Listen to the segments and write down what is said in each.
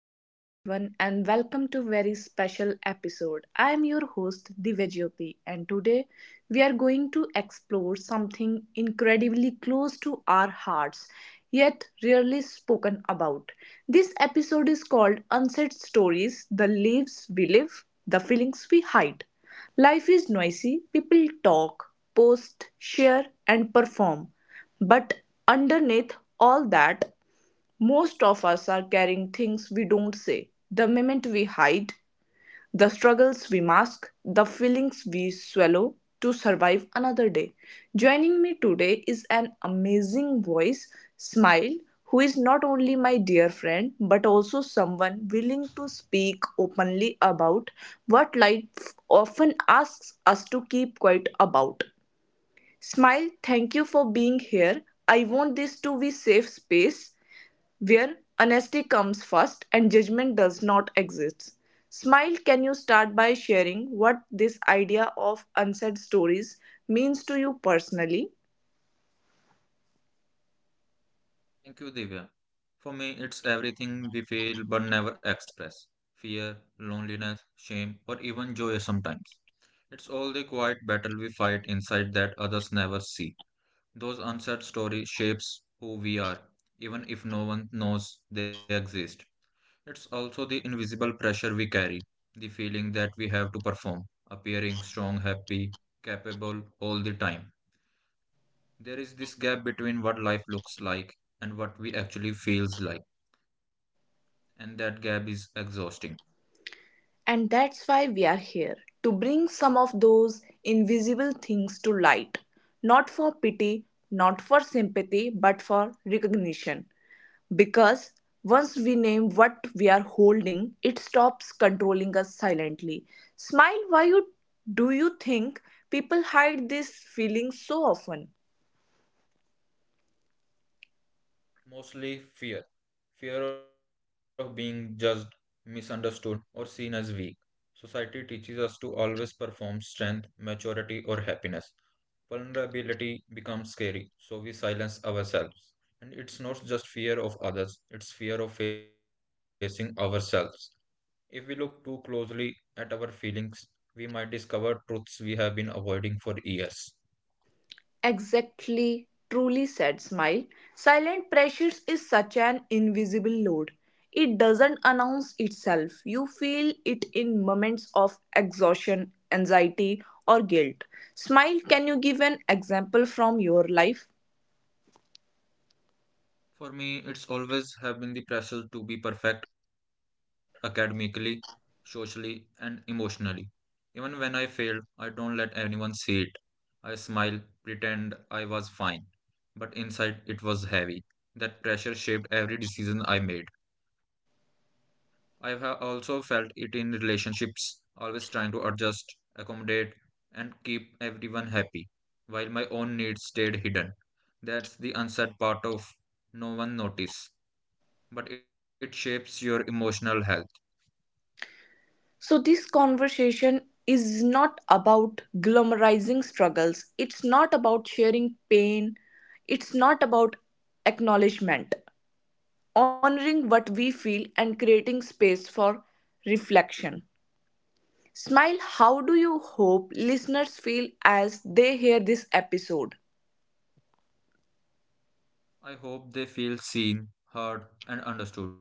Hello, everyone, and welcome to very special episode. I am your host Divyajyoti, and today we are going to explore something incredibly close to our hearts, yet rarely spoken about. This episode is called Unsaid Stories: The Lives We Live, the Feelings We Hide. Life is noisy. People talk, post, share, and perform. But underneath all that most of us are carrying things we don't say, the moment we hide, the struggles we mask, the feelings we swallow to survive another day. Joining me today is an amazing voice, Smile, who is not only my dear friend but also someone willing to speak openly about what life often asks us to keep quiet about. Smile, thank you for being here. I want this to be safe space where honesty comes first and judgment does not exist. Smile, can you start by sharing what this idea of unsaid stories means to you personally? Thank you, Divya. For me, it's everything we feel but never express fear, loneliness, shame, or even joy sometimes. It's all the quiet battle we fight inside that others never see. Those unsaid stories shapes who we are, even if no one knows they exist. It's also the invisible pressure we carry, the feeling that we have to perform, appearing strong, happy, capable all the time. There is this gap between what life looks like and what we actually feels like and that gap is exhausting. And that's why we are here to bring some of those invisible things to light, not for pity, not for sympathy, but for recognition. Because once we name what we are holding, it stops controlling us silently. Smile, why you, do you think people hide these feelings so often? Mostly fear of being judged, misunderstood, or seen as weak. Society teaches us to always perform strength, maturity, or happiness. Vulnerability becomes scary, so we silence ourselves. And it's not just fear of others, it's fear of facing ourselves. If we look too closely at our feelings, we might discover truths we have been avoiding for years. Exactly, truly said Smile. Silent pressures is such an invisible load. It doesn't announce itself. You feel it in moments of exhaustion, anxiety, or guilt. Smile, can you give an example from your life? For me, it's always have been the pressure to be perfect academically, socially, and emotionally. Even when I failed, I don't let anyone see it. I smile, pretend I was fine. But inside, it was heavy. That pressure shaped every decision I made. I have also felt it in relationships, always trying to adjust, accommodate, and keep everyone happy, while my own needs stayed hidden. That's the unsaid part of no one notice but it shapes your emotional health. So, this conversation is not about glamorizing struggles, it's not about sharing pain, it's not about acknowledgement, honoring what we feel and creating space for reflection. Smile, how do you hope listeners feel as they hear this episode? I hope they feel seen, heard, and understood.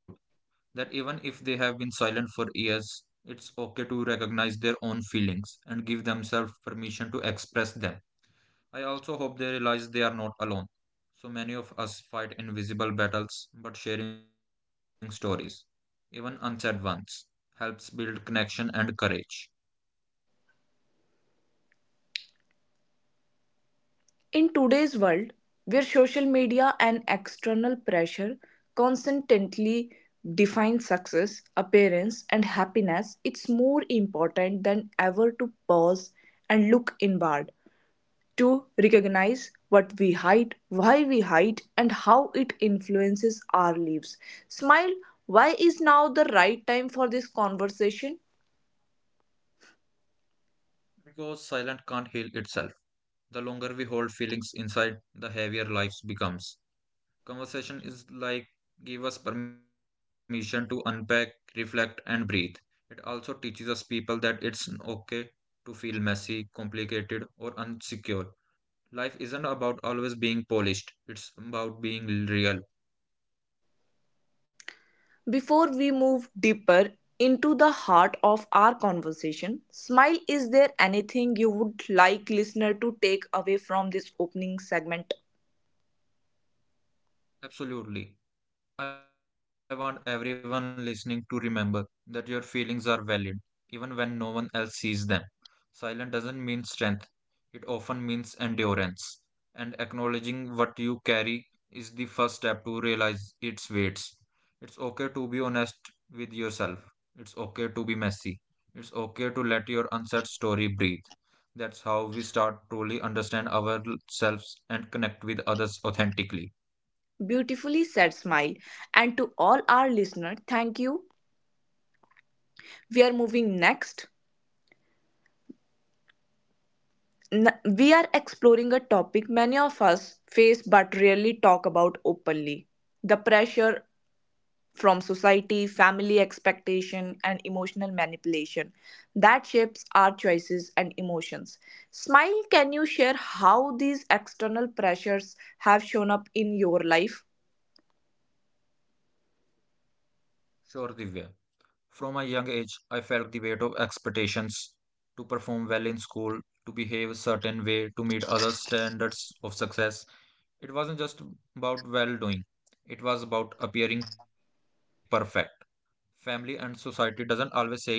That even if they have been silent for years, it's okay to recognize their own feelings and give themselves permission to express them. I also hope they realize they are not alone. So many of us fight invisible battles, but sharing stories, even unsaid ones, helps build connection and courage. In today's world, where social media and external pressure constantly define success, appearance, and happiness, it's more important than ever to pause and look inward, to recognize what we hide, why we hide, and how it influences our lives. Smile, why is now the right time for this conversation? Because silence can't heal itself. The longer we hold feelings inside, the heavier life becomes. Conversation is like give us permission to unpack, reflect, and breathe. It also teaches us people that it's okay to feel messy, complicated, or unsecure. Life isn't about always being polished, it's about being real. Before we move deeper into the heart of our conversation, Smile, is there anything you would like listener to take away from this opening segment? Absolutely. I want everyone listening to remember that your feelings are valid, even when no one else sees them. Silence doesn't mean strength, it often means endurance. And acknowledging what you carry is the first step to realize its weights. It's okay to be honest with yourself, it's okay to be messy, it's okay to let your unsaid story breathe. That's how we start truly understand ourselves and connect with others authentically. Beautifully said Smile. And to all our listener, thank you. We are moving next. We are exploring a topic many of us face but rarely talk about openly the pressure from society, family expectation, and emotional manipulation that shapes our choices and emotions. Smile, can you share how these external pressures have shown up in your life? Sure, Divya. From a young age, I felt the weight of expectations to perform well in school, to behave a certain way, to meet other standards of success. It wasn't just about well doing, it was about appearing perfect. Family and society doesn't always say it loud,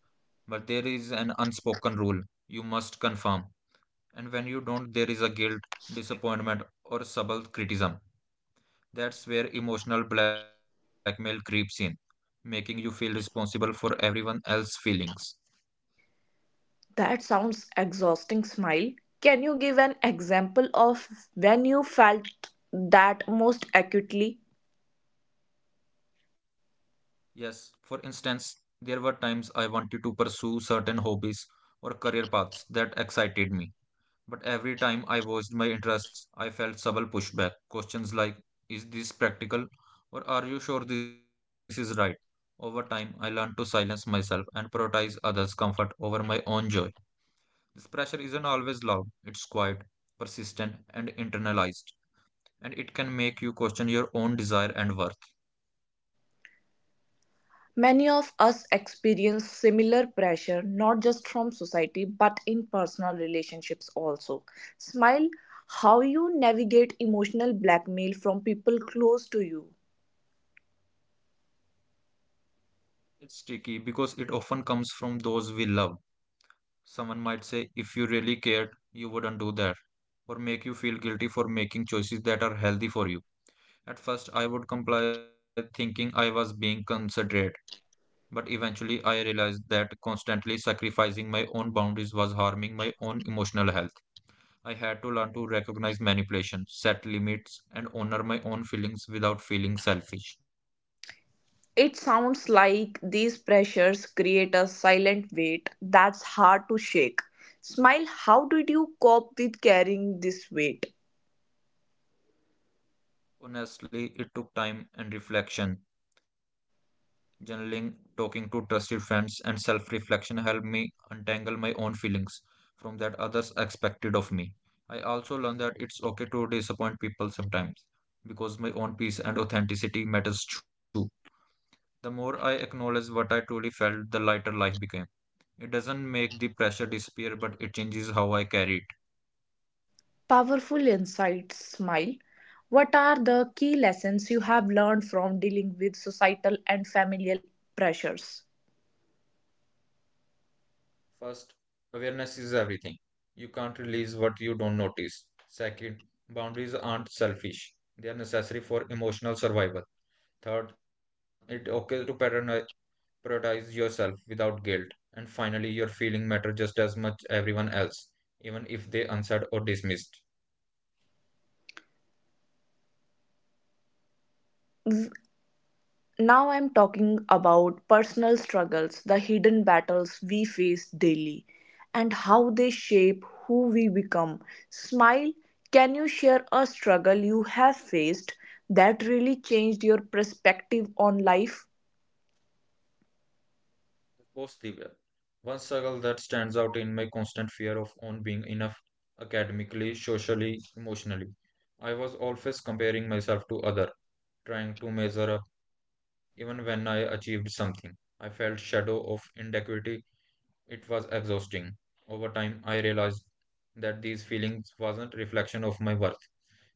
but there is an unspoken rule you must conform. And when you don't, there is a guilt, disappointment, or subtle criticism. That's where emotional blackmail creeps in, making you feel responsible for everyone else's feelings. That sounds exhausting, Smile. Can you give an example of when you felt that most acutely? Yes, for instance, there were times I wanted to pursue certain hobbies or career paths that excited me. But every time I voiced my interests, I felt subtle pushback. Questions like, is this practical? Or are you sure this is right? Over time, I learned to silence myself and prioritize others' comfort over my own joy. This pressure isn't always loud, it's quiet, persistent, and internalized, and it can make you question your own desire and worth. Many of us experience similar pressure not just from society but in personal relationships also. Smile, how you navigate emotional blackmail from people close to you. It's tricky because it often comes from those we love. Someone might say, if you really cared, you wouldn't do that, or make you feel guilty for making choices that are healthy for you. At first, I would comply thinking I was being considerate, but eventually I realized that constantly sacrificing my own boundaries was harming my own emotional health. I had to learn to recognize manipulation, set limits, and honor my own feelings without feeling selfish. It sounds like these pressures create a silent weight that's hard to shake. Smile, how did you cope with carrying this weight? Honestly, it took time and reflection. Journaling, talking to trusted friends, and self reflection helped me untangle my own feelings from that others expected of me. I also learned that it's okay to disappoint people sometimes because my own peace and authenticity matters too. The more I acknowledged what I truly felt, the lighter life became. It doesn't make the pressure disappear, but it changes how I carry it. Powerful insights, Smile. What are the key lessons you have learned from dealing with societal and familial pressures? First, awareness is everything. You can't release what you don't notice. Second, boundaries aren't selfish, they are necessary for emotional survival. Third, it's okay to prioritize yourself without guilt. And finally, your feeling matter just as much everyone else, even if they answered or dismissed. Now I'm talking about personal struggles, the hidden battles we face daily, and how they shape who we become. Smile, can you share a struggle you have faced that really changed your perspective on life? Post the One struggle that stands out in my constant fear of on being enough academically, socially, emotionally. I was always comparing myself to other, trying to measure up even when I achieved something. I felt shadow of inadequacy. It was exhausting. Over time I realized that these feelings wasn't reflection of my worth.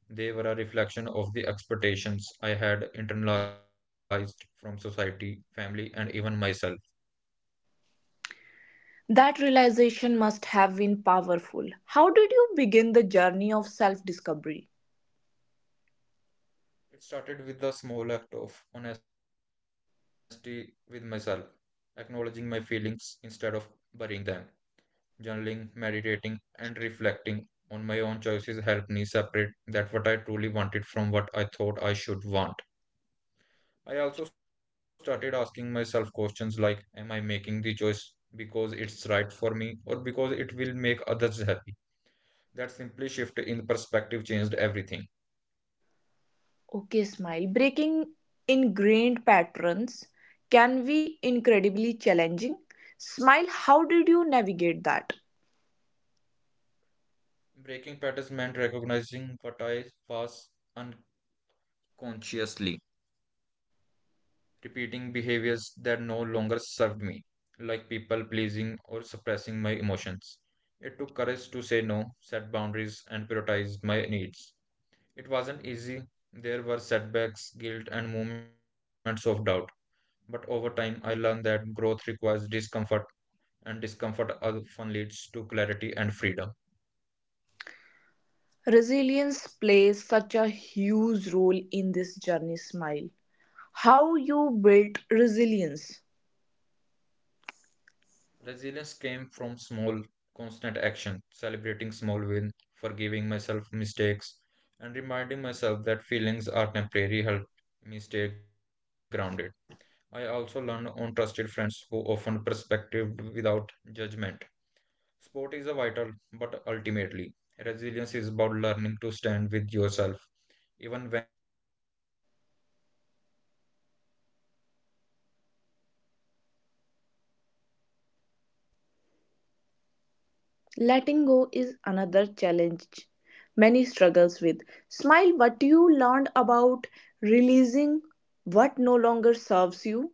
They were a reflection of the expectations I had internalized from society, family, and even myself. That realization must have been powerful. How did you begin the journey of self discovery? It started with a small act of honesty with myself, acknowledging my feelings instead of burying them. Journaling, meditating, and reflecting on my own choices helped me separate that what I truly wanted from what I thought I should want. I also started asking myself questions like, am I making the choice because it's right for me or because it will make others happy? That simply shift in perspective changed everything. Okay, Smile. Breaking ingrained patterns can be incredibly challenging. Smile, how did you navigate that? Breaking patterns meant recognizing what I was un- consciously, repeating behaviors that no longer served me, like people pleasing or suppressing my emotions. It took courage to say no, set boundaries, and prioritize my needs. It wasn't easy. There were setbacks, guilt, and moments of doubt. But over time, I learned that growth requires discomfort, and discomfort often leads to clarity and freedom. Resilience plays such a huge role in this journey, Smile. How you built resilience. Resilience came from small, constant action, celebrating small wins, forgiving myself mistakes, and reminding myself that feelings are temporary helped me stay grounded. I also learned on trusted friends who offered perspective without judgment. Sport is a vital, but ultimately, resilience is about learning to stand with yourself, even when the world feels heavy. Letting go is another challenge many struggles with. Smile, what you learned about releasing what no longer serves you?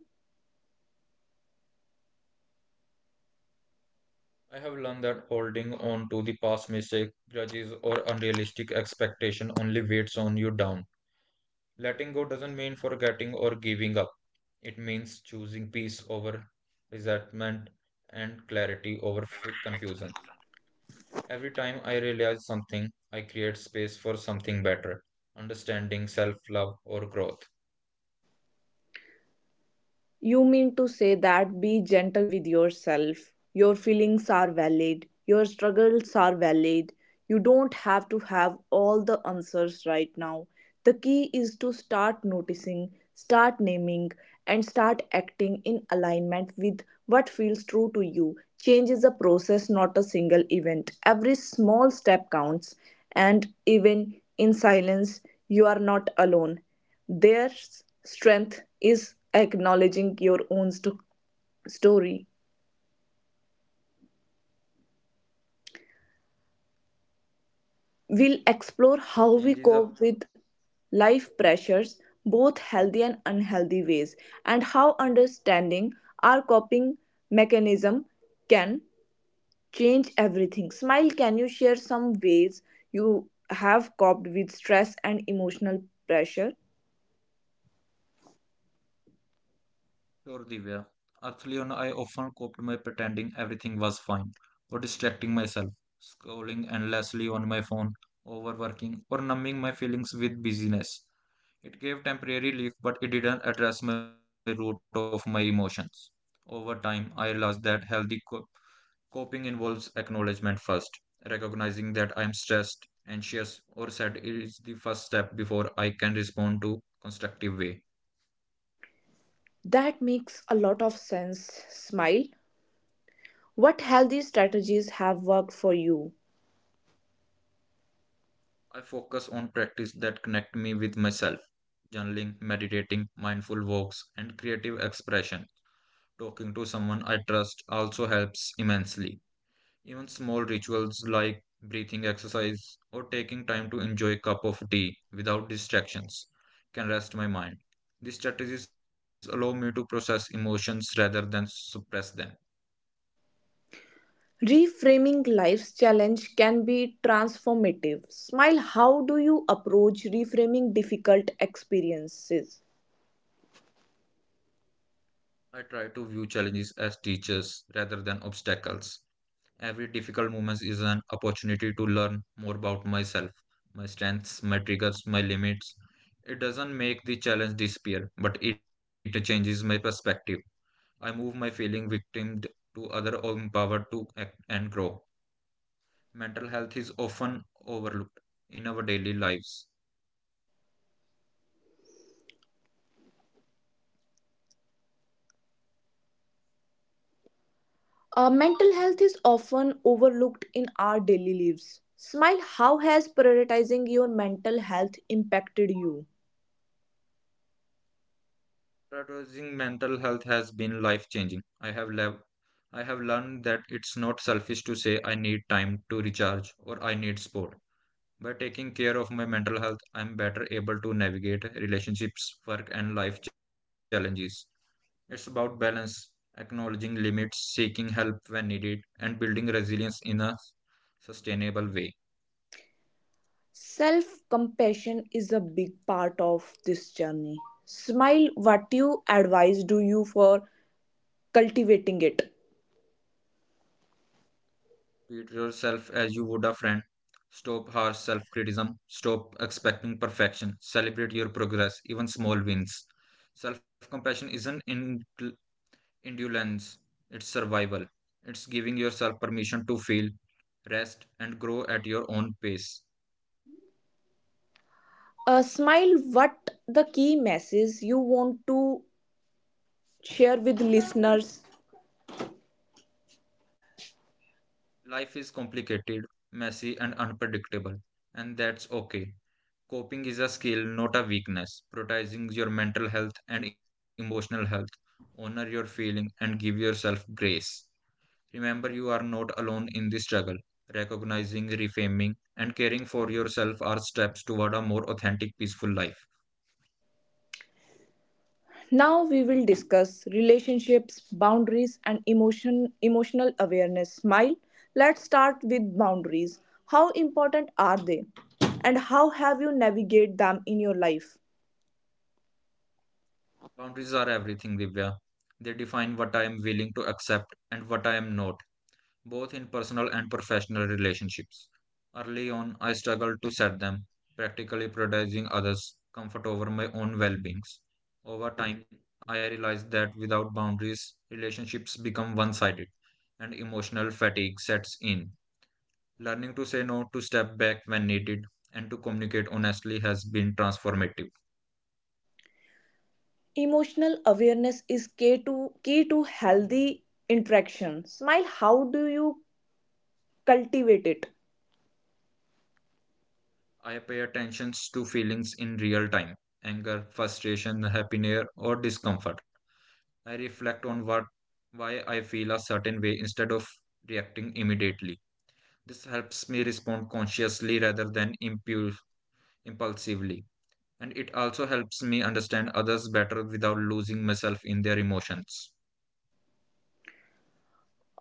I have learned that holding on to the past mistake, grudges, or unrealistic expectation only weighs on you down. Letting go doesn't mean forgetting or giving up. It means choosing peace over resentment and clarity over confusion. Every time I realize something, I create space for something better, understanding, self love, or growth. You mean to say that be gentle with yourself. Your feelings are valid. Your struggles are valid. You don't have to have all the answers right now. The key is to start noticing, start naming, and start acting in alignment with what feels true to you. Change is a process, not a single event. Every small step counts, and even in silence, you are not alone. Their strength is acknowledging your own story. We'll explore how Change we is a cope with life pressures, both healthy and unhealthy ways, and how understanding our coping mechanism can change everything. Smile, can you share some ways you have coped with stress and emotional pressure? Sure, Divya. Actually, on I often coped by pretending everything was fine or distracting myself, scrolling endlessly on my phone, overworking, or numbing my feelings with busyness. It gave temporary relief, but it didn't address my root of my emotions. Over time, I realized that healthy coping involves acknowledgement first. Recognizing that I am stressed, anxious, or sad is the first step before I can respond to constructive way. That makes a lot of sense, Smile. What healthy strategies have worked for you? I focus on practice that connect me with myself, journaling, meditating, mindful walks, and creative expression. Talking to someone I trust also helps immensely. Even small rituals like breathing exercise or taking time to enjoy a cup of tea without distractions can rest my mind. These strategies allow me to process emotions rather than suppress them. Reframing life's challenge can be transformative. Smile, how do you approach reframing difficult experiences? I try to view challenges as teachers rather than obstacles. Every difficult moment is an opportunity to learn more about myself, my strengths, my triggers, my limits. It doesn't make the challenge disappear, but it changes my perspective. I move my feeling victimed to other or empowered to act and grow. Mental health is often overlooked in our daily lives. Mental health is often overlooked in our daily lives. Smile, how has prioritizing your mental health impacted you? Prioritizing mental health has been life changing. I have learned that it's not selfish to say I need time to recharge or I need support. By taking care of my mental health, I'm better able to navigate relationships, work, and life challenges. It's about balance, acknowledging limits, seeking help when needed, and building resilience in a sustainable way. Self compassion is a big part of this journey. Smile, what you advise do you for cultivating it? Treat yourself as you would a friend. Stop harsh self criticism. Stop expecting perfection. Celebrate your progress, even small wins. Self compassion isn't indulgence, it's survival. It's giving yourself permission to feel, rest, and grow at your own pace. Smile, what the key message you want to share with listeners. Life is complicated, messy, and unpredictable, and that's okay. Coping is a skill, not a weakness. Prioritizing your mental health and emotional health. Honor your feeling and give yourself grace. Remember, you are not alone in this struggle. Recognizing, reframing, and caring for yourself are steps toward a more authentic, peaceful life. Now we will discuss relationships, boundaries and emotional awareness. Smile. Let's start with boundaries. How important are they? And how have you navigate them in your life? Boundaries are everything, Divya. They define what I am willing to accept and what I am not, both in personal and professional relationships. Early on, I struggled to set them, practically prioritizing others' comfort over my own well beings. Over time, I realized that without boundaries, relationships become one sided and emotional fatigue sets in. Learning to say no, to step back when needed, and to communicate honestly has been transformative. Emotional awareness is key to healthy interaction. Smile, how do you cultivate it? I pay attention to feelings in real time: anger, frustration, happiness, or discomfort. I reflect on what why I feel a certain way instead of reacting immediately. This helps me respond consciously rather than impulsively, and it also helps me understand others better without losing myself in their emotions.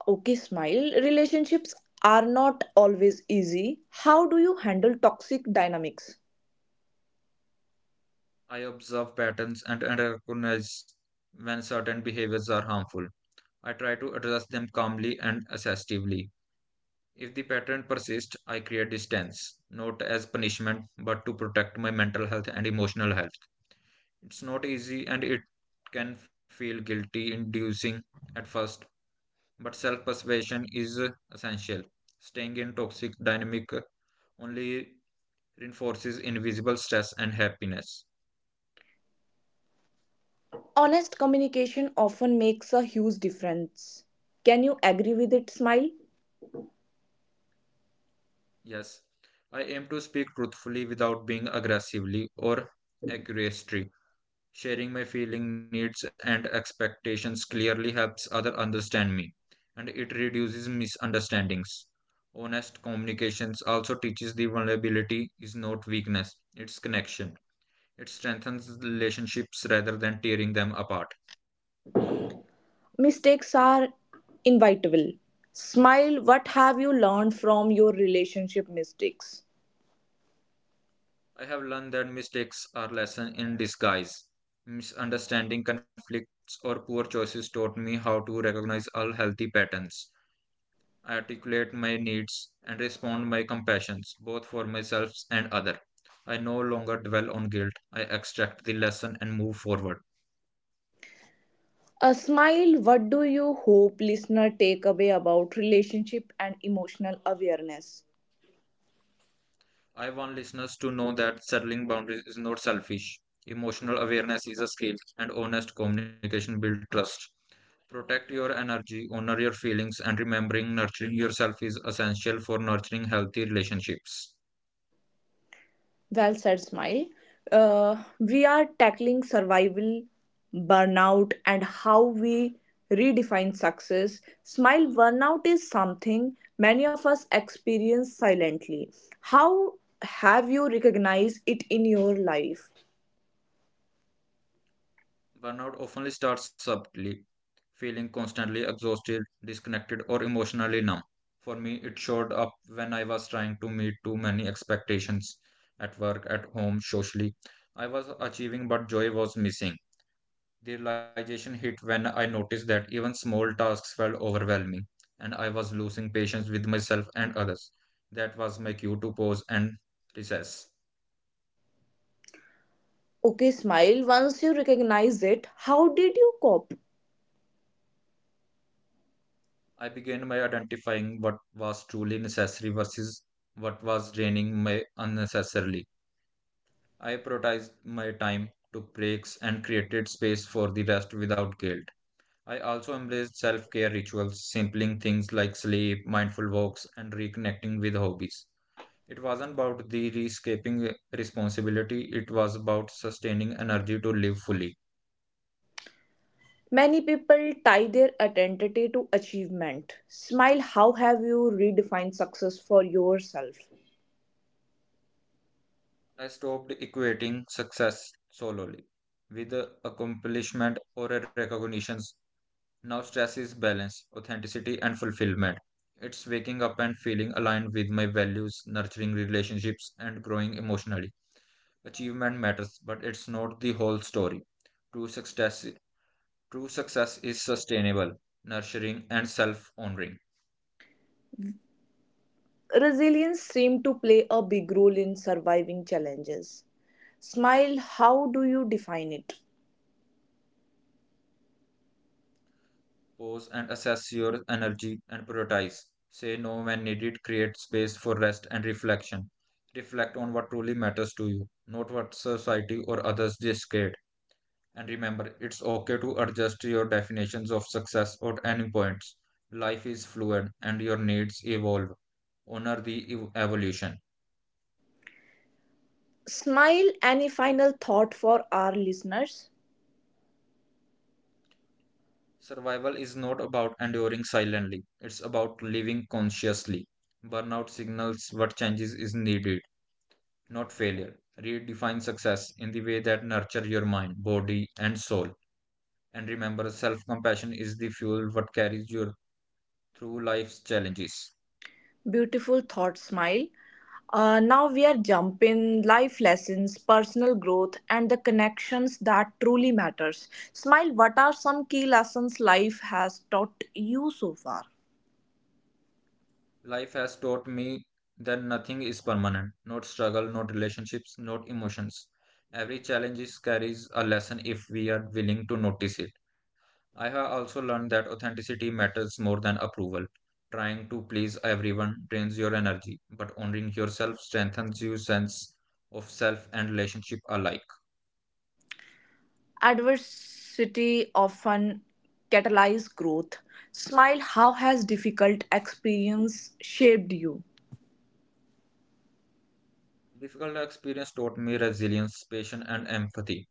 Okay, Smile. Relationships are not always easy. How do you handle toxic dynamics? I observe patterns and recognize when certain behaviors are harmful. I try to address them calmly and assertively. If the pattern persists, I create distance, not as punishment, but to protect my mental health and emotional health. It's not easy and it can feel guilty inducing at first, but self persuasion is essential. Staying in toxic dynamic only reinforces invisible stress and happiness. Honest communication often makes a huge difference. Can you agree with it, Smile? Yes, I aim to speak truthfully without being aggressively or accusatory. Sharing my feeling needs and expectations clearly helps other understand me, and it reduces misunderstandings. Honest communications also teaches the vulnerability is not weakness, it's connection. It strengthens relationships rather than tearing them apart. Mistakes are inevitable. Smile, what have you learned from your relationship mistakes? I have learned that mistakes are lessons in disguise. Misunderstanding conflicts or poor choices taught me how to recognize unhealthy patterns. I articulate my needs, and respond by compassions, both for myself and other. I no longer dwell on guilt. I extract the lesson and move forward. A Smile, what do you hope listener take away about relationship and emotional awareness? I want listeners to know that settling boundaries is not selfish. Emotional awareness is a skill, and honest communication builds trust. Protect your energy, honor your feelings, and remembering nurturing yourself is essential for nurturing healthy relationships. Well said, Smile. We are tackling survival, burnout, and how we redefine success. Smile, burnout is something many of us experience silently. How have you recognized it in your life? Burnout often starts subtly, feeling constantly exhausted, disconnected, or emotionally numb. For me, it showed up when I was trying to meet too many expectations at work, at home, socially. I was achieving, but joy was missing. The realization hit when I noticed that even small tasks felt overwhelming, and I was losing patience with myself and others. That was my cue to pause and recess. Okay, Smile, once you recognize it, how did you cope? I began by identifying what was truly necessary versus what was draining me unnecessarily. I prioritized my time, took breaks, and created space for the rest without guilt. I also embraced self care rituals, simpling things like sleep, mindful walks, and reconnecting with hobbies. It wasn't about the escaping responsibility, it was about sustaining energy to live fully. Many people tie their identity to achievement. Smile, how have you redefined success for yourself? I stopped equating success solely with accomplishment or recognition. Now, stress is balance, authenticity, and fulfillment. It's waking up and feeling aligned with my values, nurturing relationships, and growing emotionally. Achievement matters, but it's not the whole story. True success, True success is sustainable, nurturing, and self honoring. Resilience seems to play a big role in surviving challenges. Smile, how do you define it? Pause and assess your energy and prioritize. Say no when needed, create space for rest and reflection. Reflect on what truly matters to you, not what society or others dictate. And remember, it's okay to adjust your definitions of success at any points. Life is fluid and your needs evolve. Honor the evolution. Smile, any final thought for our listeners? Survival is not about enduring silently, it's about living consciously. Burnout signals what changes is needed, not failure. Redefine success in the way that nurture your mind, body, and soul. And remember, self compassion is the fuel what carries you through life's challenges. Beautiful thought, Smile. Now we are jumping life lessons, personal growth, and the connections that truly matters. Smile, what are some key lessons life has taught you so far? Life has taught me that nothing is permanent, not struggle, not relationships, not emotions. Every carries a lesson if we are willing to notice it. I have also learned that authenticity matters more than approval. Trying to please everyone drains your energy, but honoring yourself strengthens your sense of self and relationship alike. Adversity often catalyzes growth. Smile, how has difficult experience shaped you? Difficult experience taught me resilience, patience, and empathy.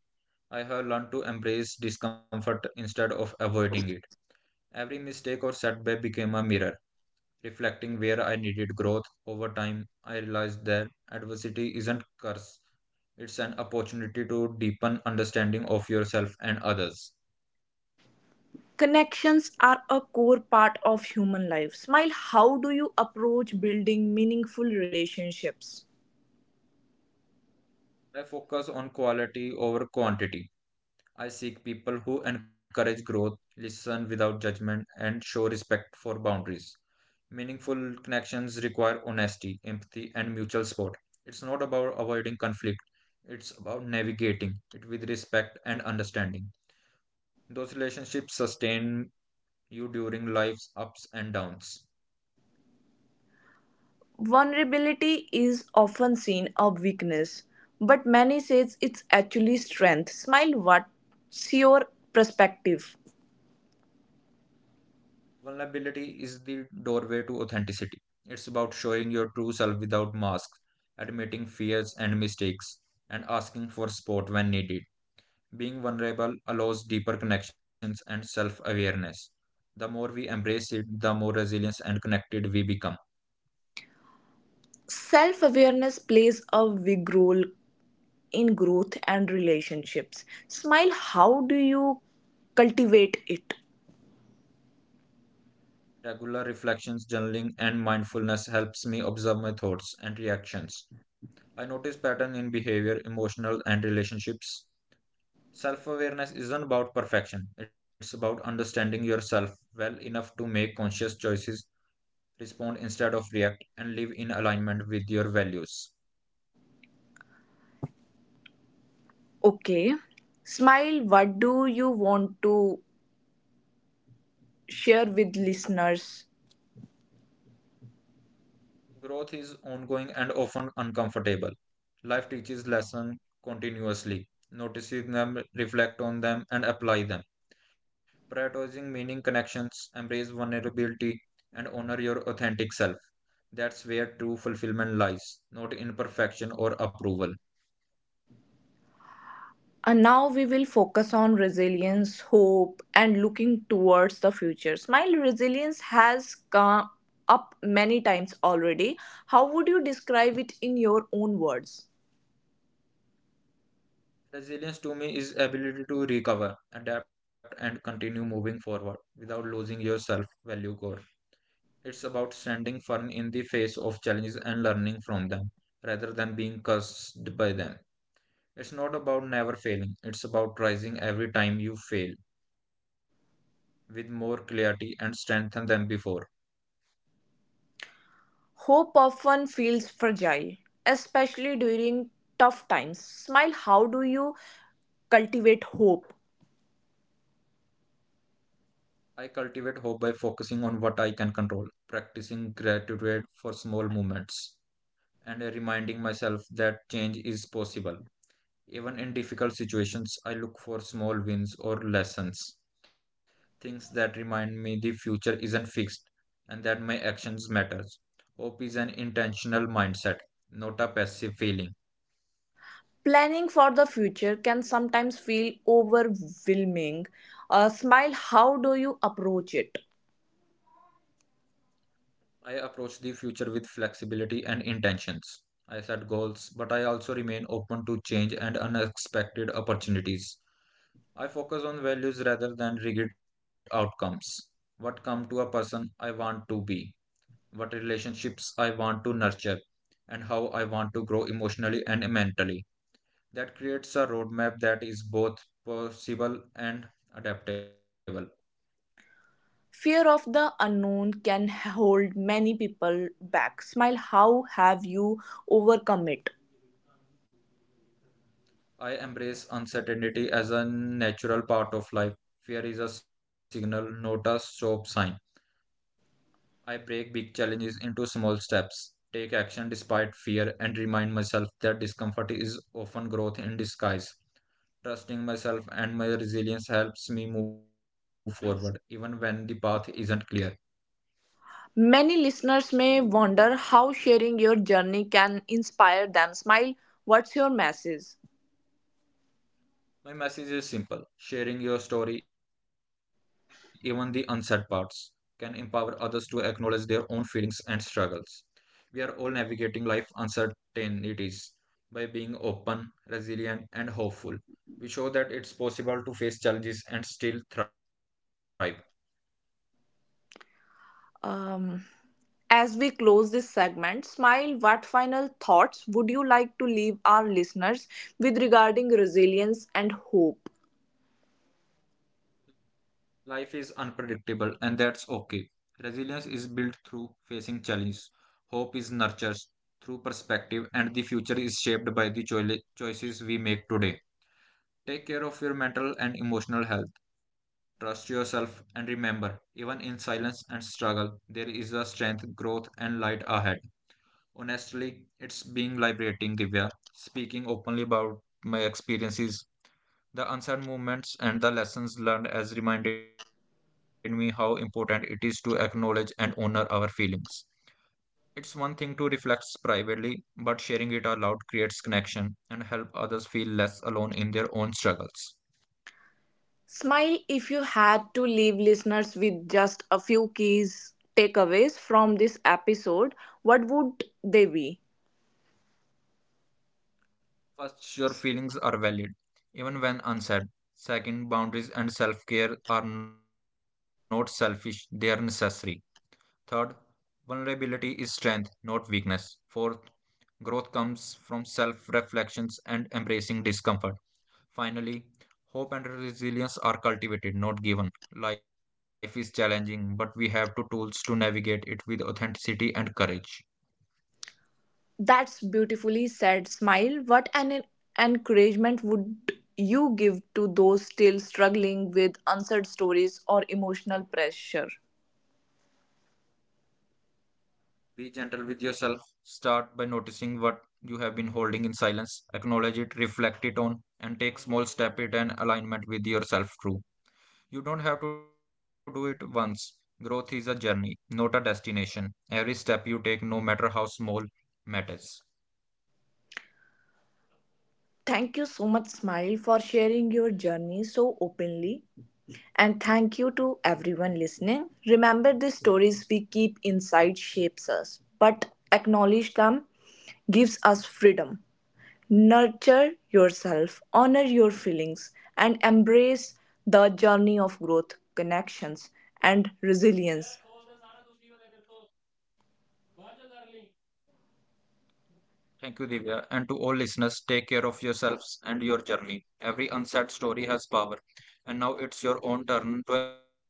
I have learned to embrace discomfort instead of avoiding it. Every mistake or setback became a mirror, reflecting where I needed growth. Over time, I realized that adversity isn't a curse, it's an opportunity to deepen understanding of yourself and others. Connections are a core part of human life. Smile, how do you approach building meaningful relationships? I focus on quality over quantity. I seek people who encourage growth, listen without judgment, and show respect for boundaries. Meaningful connections require honesty, empathy, and mutual support. It's not about avoiding conflict, it's about navigating it with respect and understanding. Those relationships sustain you during life's ups and downs. Vulnerability is often seen a weakness, but many says it's actually strength. Smile, what's your perspective? Vulnerability is the doorway to authenticity. It's about showing your true self without masks, admitting fears and mistakes, and asking for support when needed. Being vulnerable allows deeper connections and self awareness. The more we embrace it, the more resilient and connected we become. Self awareness plays a big role in growth and relationships. Smile, how do you cultivate it? Regular reflections, journaling, and mindfulness helps me observe my thoughts and reactions. I notice patterns in behavior, emotional, and relationships. Self awareness isn't about perfection, it's about understanding yourself well enough to make conscious choices, respond instead of react, and live in alignment with your values. Okay. Smile, what do you want to share with listeners? Growth is ongoing and often uncomfortable. Life teaches lessons continuously. Noticing them, reflect on them, and apply them. Prioritizing meaning connections, embrace vulnerability, and honor your authentic self. That's where true fulfillment lies, not in perfection or approval. And now we will focus on resilience, hope, and looking towards the future. Smile, resilience has come up many times already. How would you describe it in your own words? Resilience to me is ability to recover, adapt, and continue moving forward without losing your self-value core. It's about standing firm in the face of challenges and learning from them rather than being cursed by them. It's not about never failing, it's about rising every time you fail with more clarity and strength than before. Hope often feels fragile, especially during tough times. Smile, how do you cultivate hope. I cultivate hope by focusing on what I can control, practicing gratitude for small moments, and reminding myself that change is possible. Even in difficult situations, I look for small wins or lessons. Things that remind me the future isn't fixed and that my actions matters. Hope is an intentional mindset, not a passive feeling. Planning for the future can sometimes feel overwhelming. Smile, how do you approach it? I approach the future with flexibility and intentions. I set goals, but I also remain open to change and unexpected opportunities. I focus on values rather than rigid outcomes. What come to a person I want to be, what relationships I want to nurture, and how I want to grow emotionally and mentally. That creates a roadmap that is both possible and adaptable. Fear of the unknown can hold many people back. Smile, how have you overcome it? I embrace uncertainty as a natural part of life. Fear is a signal, not a stop sign. I break big challenges into small steps, take action despite fear, and remind myself that discomfort is often growth in disguise. Trusting myself and my resilience helps me move forward, even when the path isn't clear. Many listeners may wonder how sharing your journey can inspire them. Smile, what's your message? My message is simple: sharing your story, even the unsaid parts, can empower others to acknowledge their own feelings and struggles. We are all navigating life uncertainties. By being open, resilient, and hopeful, we show that it's possible to face challenges and still thrive. Um, as we close this segment, Smile, what final thoughts would you like to leave our listeners with regarding resilience and hope? Life is unpredictable, and that's okay. Resilience is built through facing challenges, hope is nurtured through perspective, and the future is shaped by the choices we make today. Take care of your mental and emotional health. Trust yourself and remember, even in silence and struggle, there is a strength, growth, and light ahead. Honestly, it's being liberating, Divya. Speaking openly about my experiences, the unsaid moments, and the lessons learned has reminded me how important it is to acknowledge and honor our feelings. It's one thing to reflect privately, but sharing it aloud creates connection and help others feel less alone in their own struggles. Smile, if you had to leave listeners with just a few keys takeaways from this episode, what would they be? First, your feelings are valid, even when unsaid. Second, boundaries and self care are not selfish, they are necessary. Third, vulnerability is strength, not weakness. Fourth, growth comes from self reflections and embracing discomfort. Finally, hope and resilience are cultivated, not given. Life is challenging, but we have two tools to navigate it with authenticity and courage. That's beautifully said, Smile. What an encouragement would you give to those still struggling with unsaid stories or emotional pressure? Be gentle with yourself. Start by noticing what you have been holding in silence. Acknowledge it, reflect it on, and take small step it and alignment with yourself true. You don't have to do it once. Growth is a journey, not a destination. Every step you take, no matter how small, matters. Thank you so much, Smile, for sharing your journey so openly. And thank you to everyone listening. Remember, the stories we keep inside shapes us, but acknowledge them gives us freedom. Nurture yourself, honor your feelings, and embrace the journey of growth, connections, and resilience. Thank you, Divya. And to all listeners, take care of yourselves and your journey. Every unsaid story has power, and now it's your own turn to acknowledge it.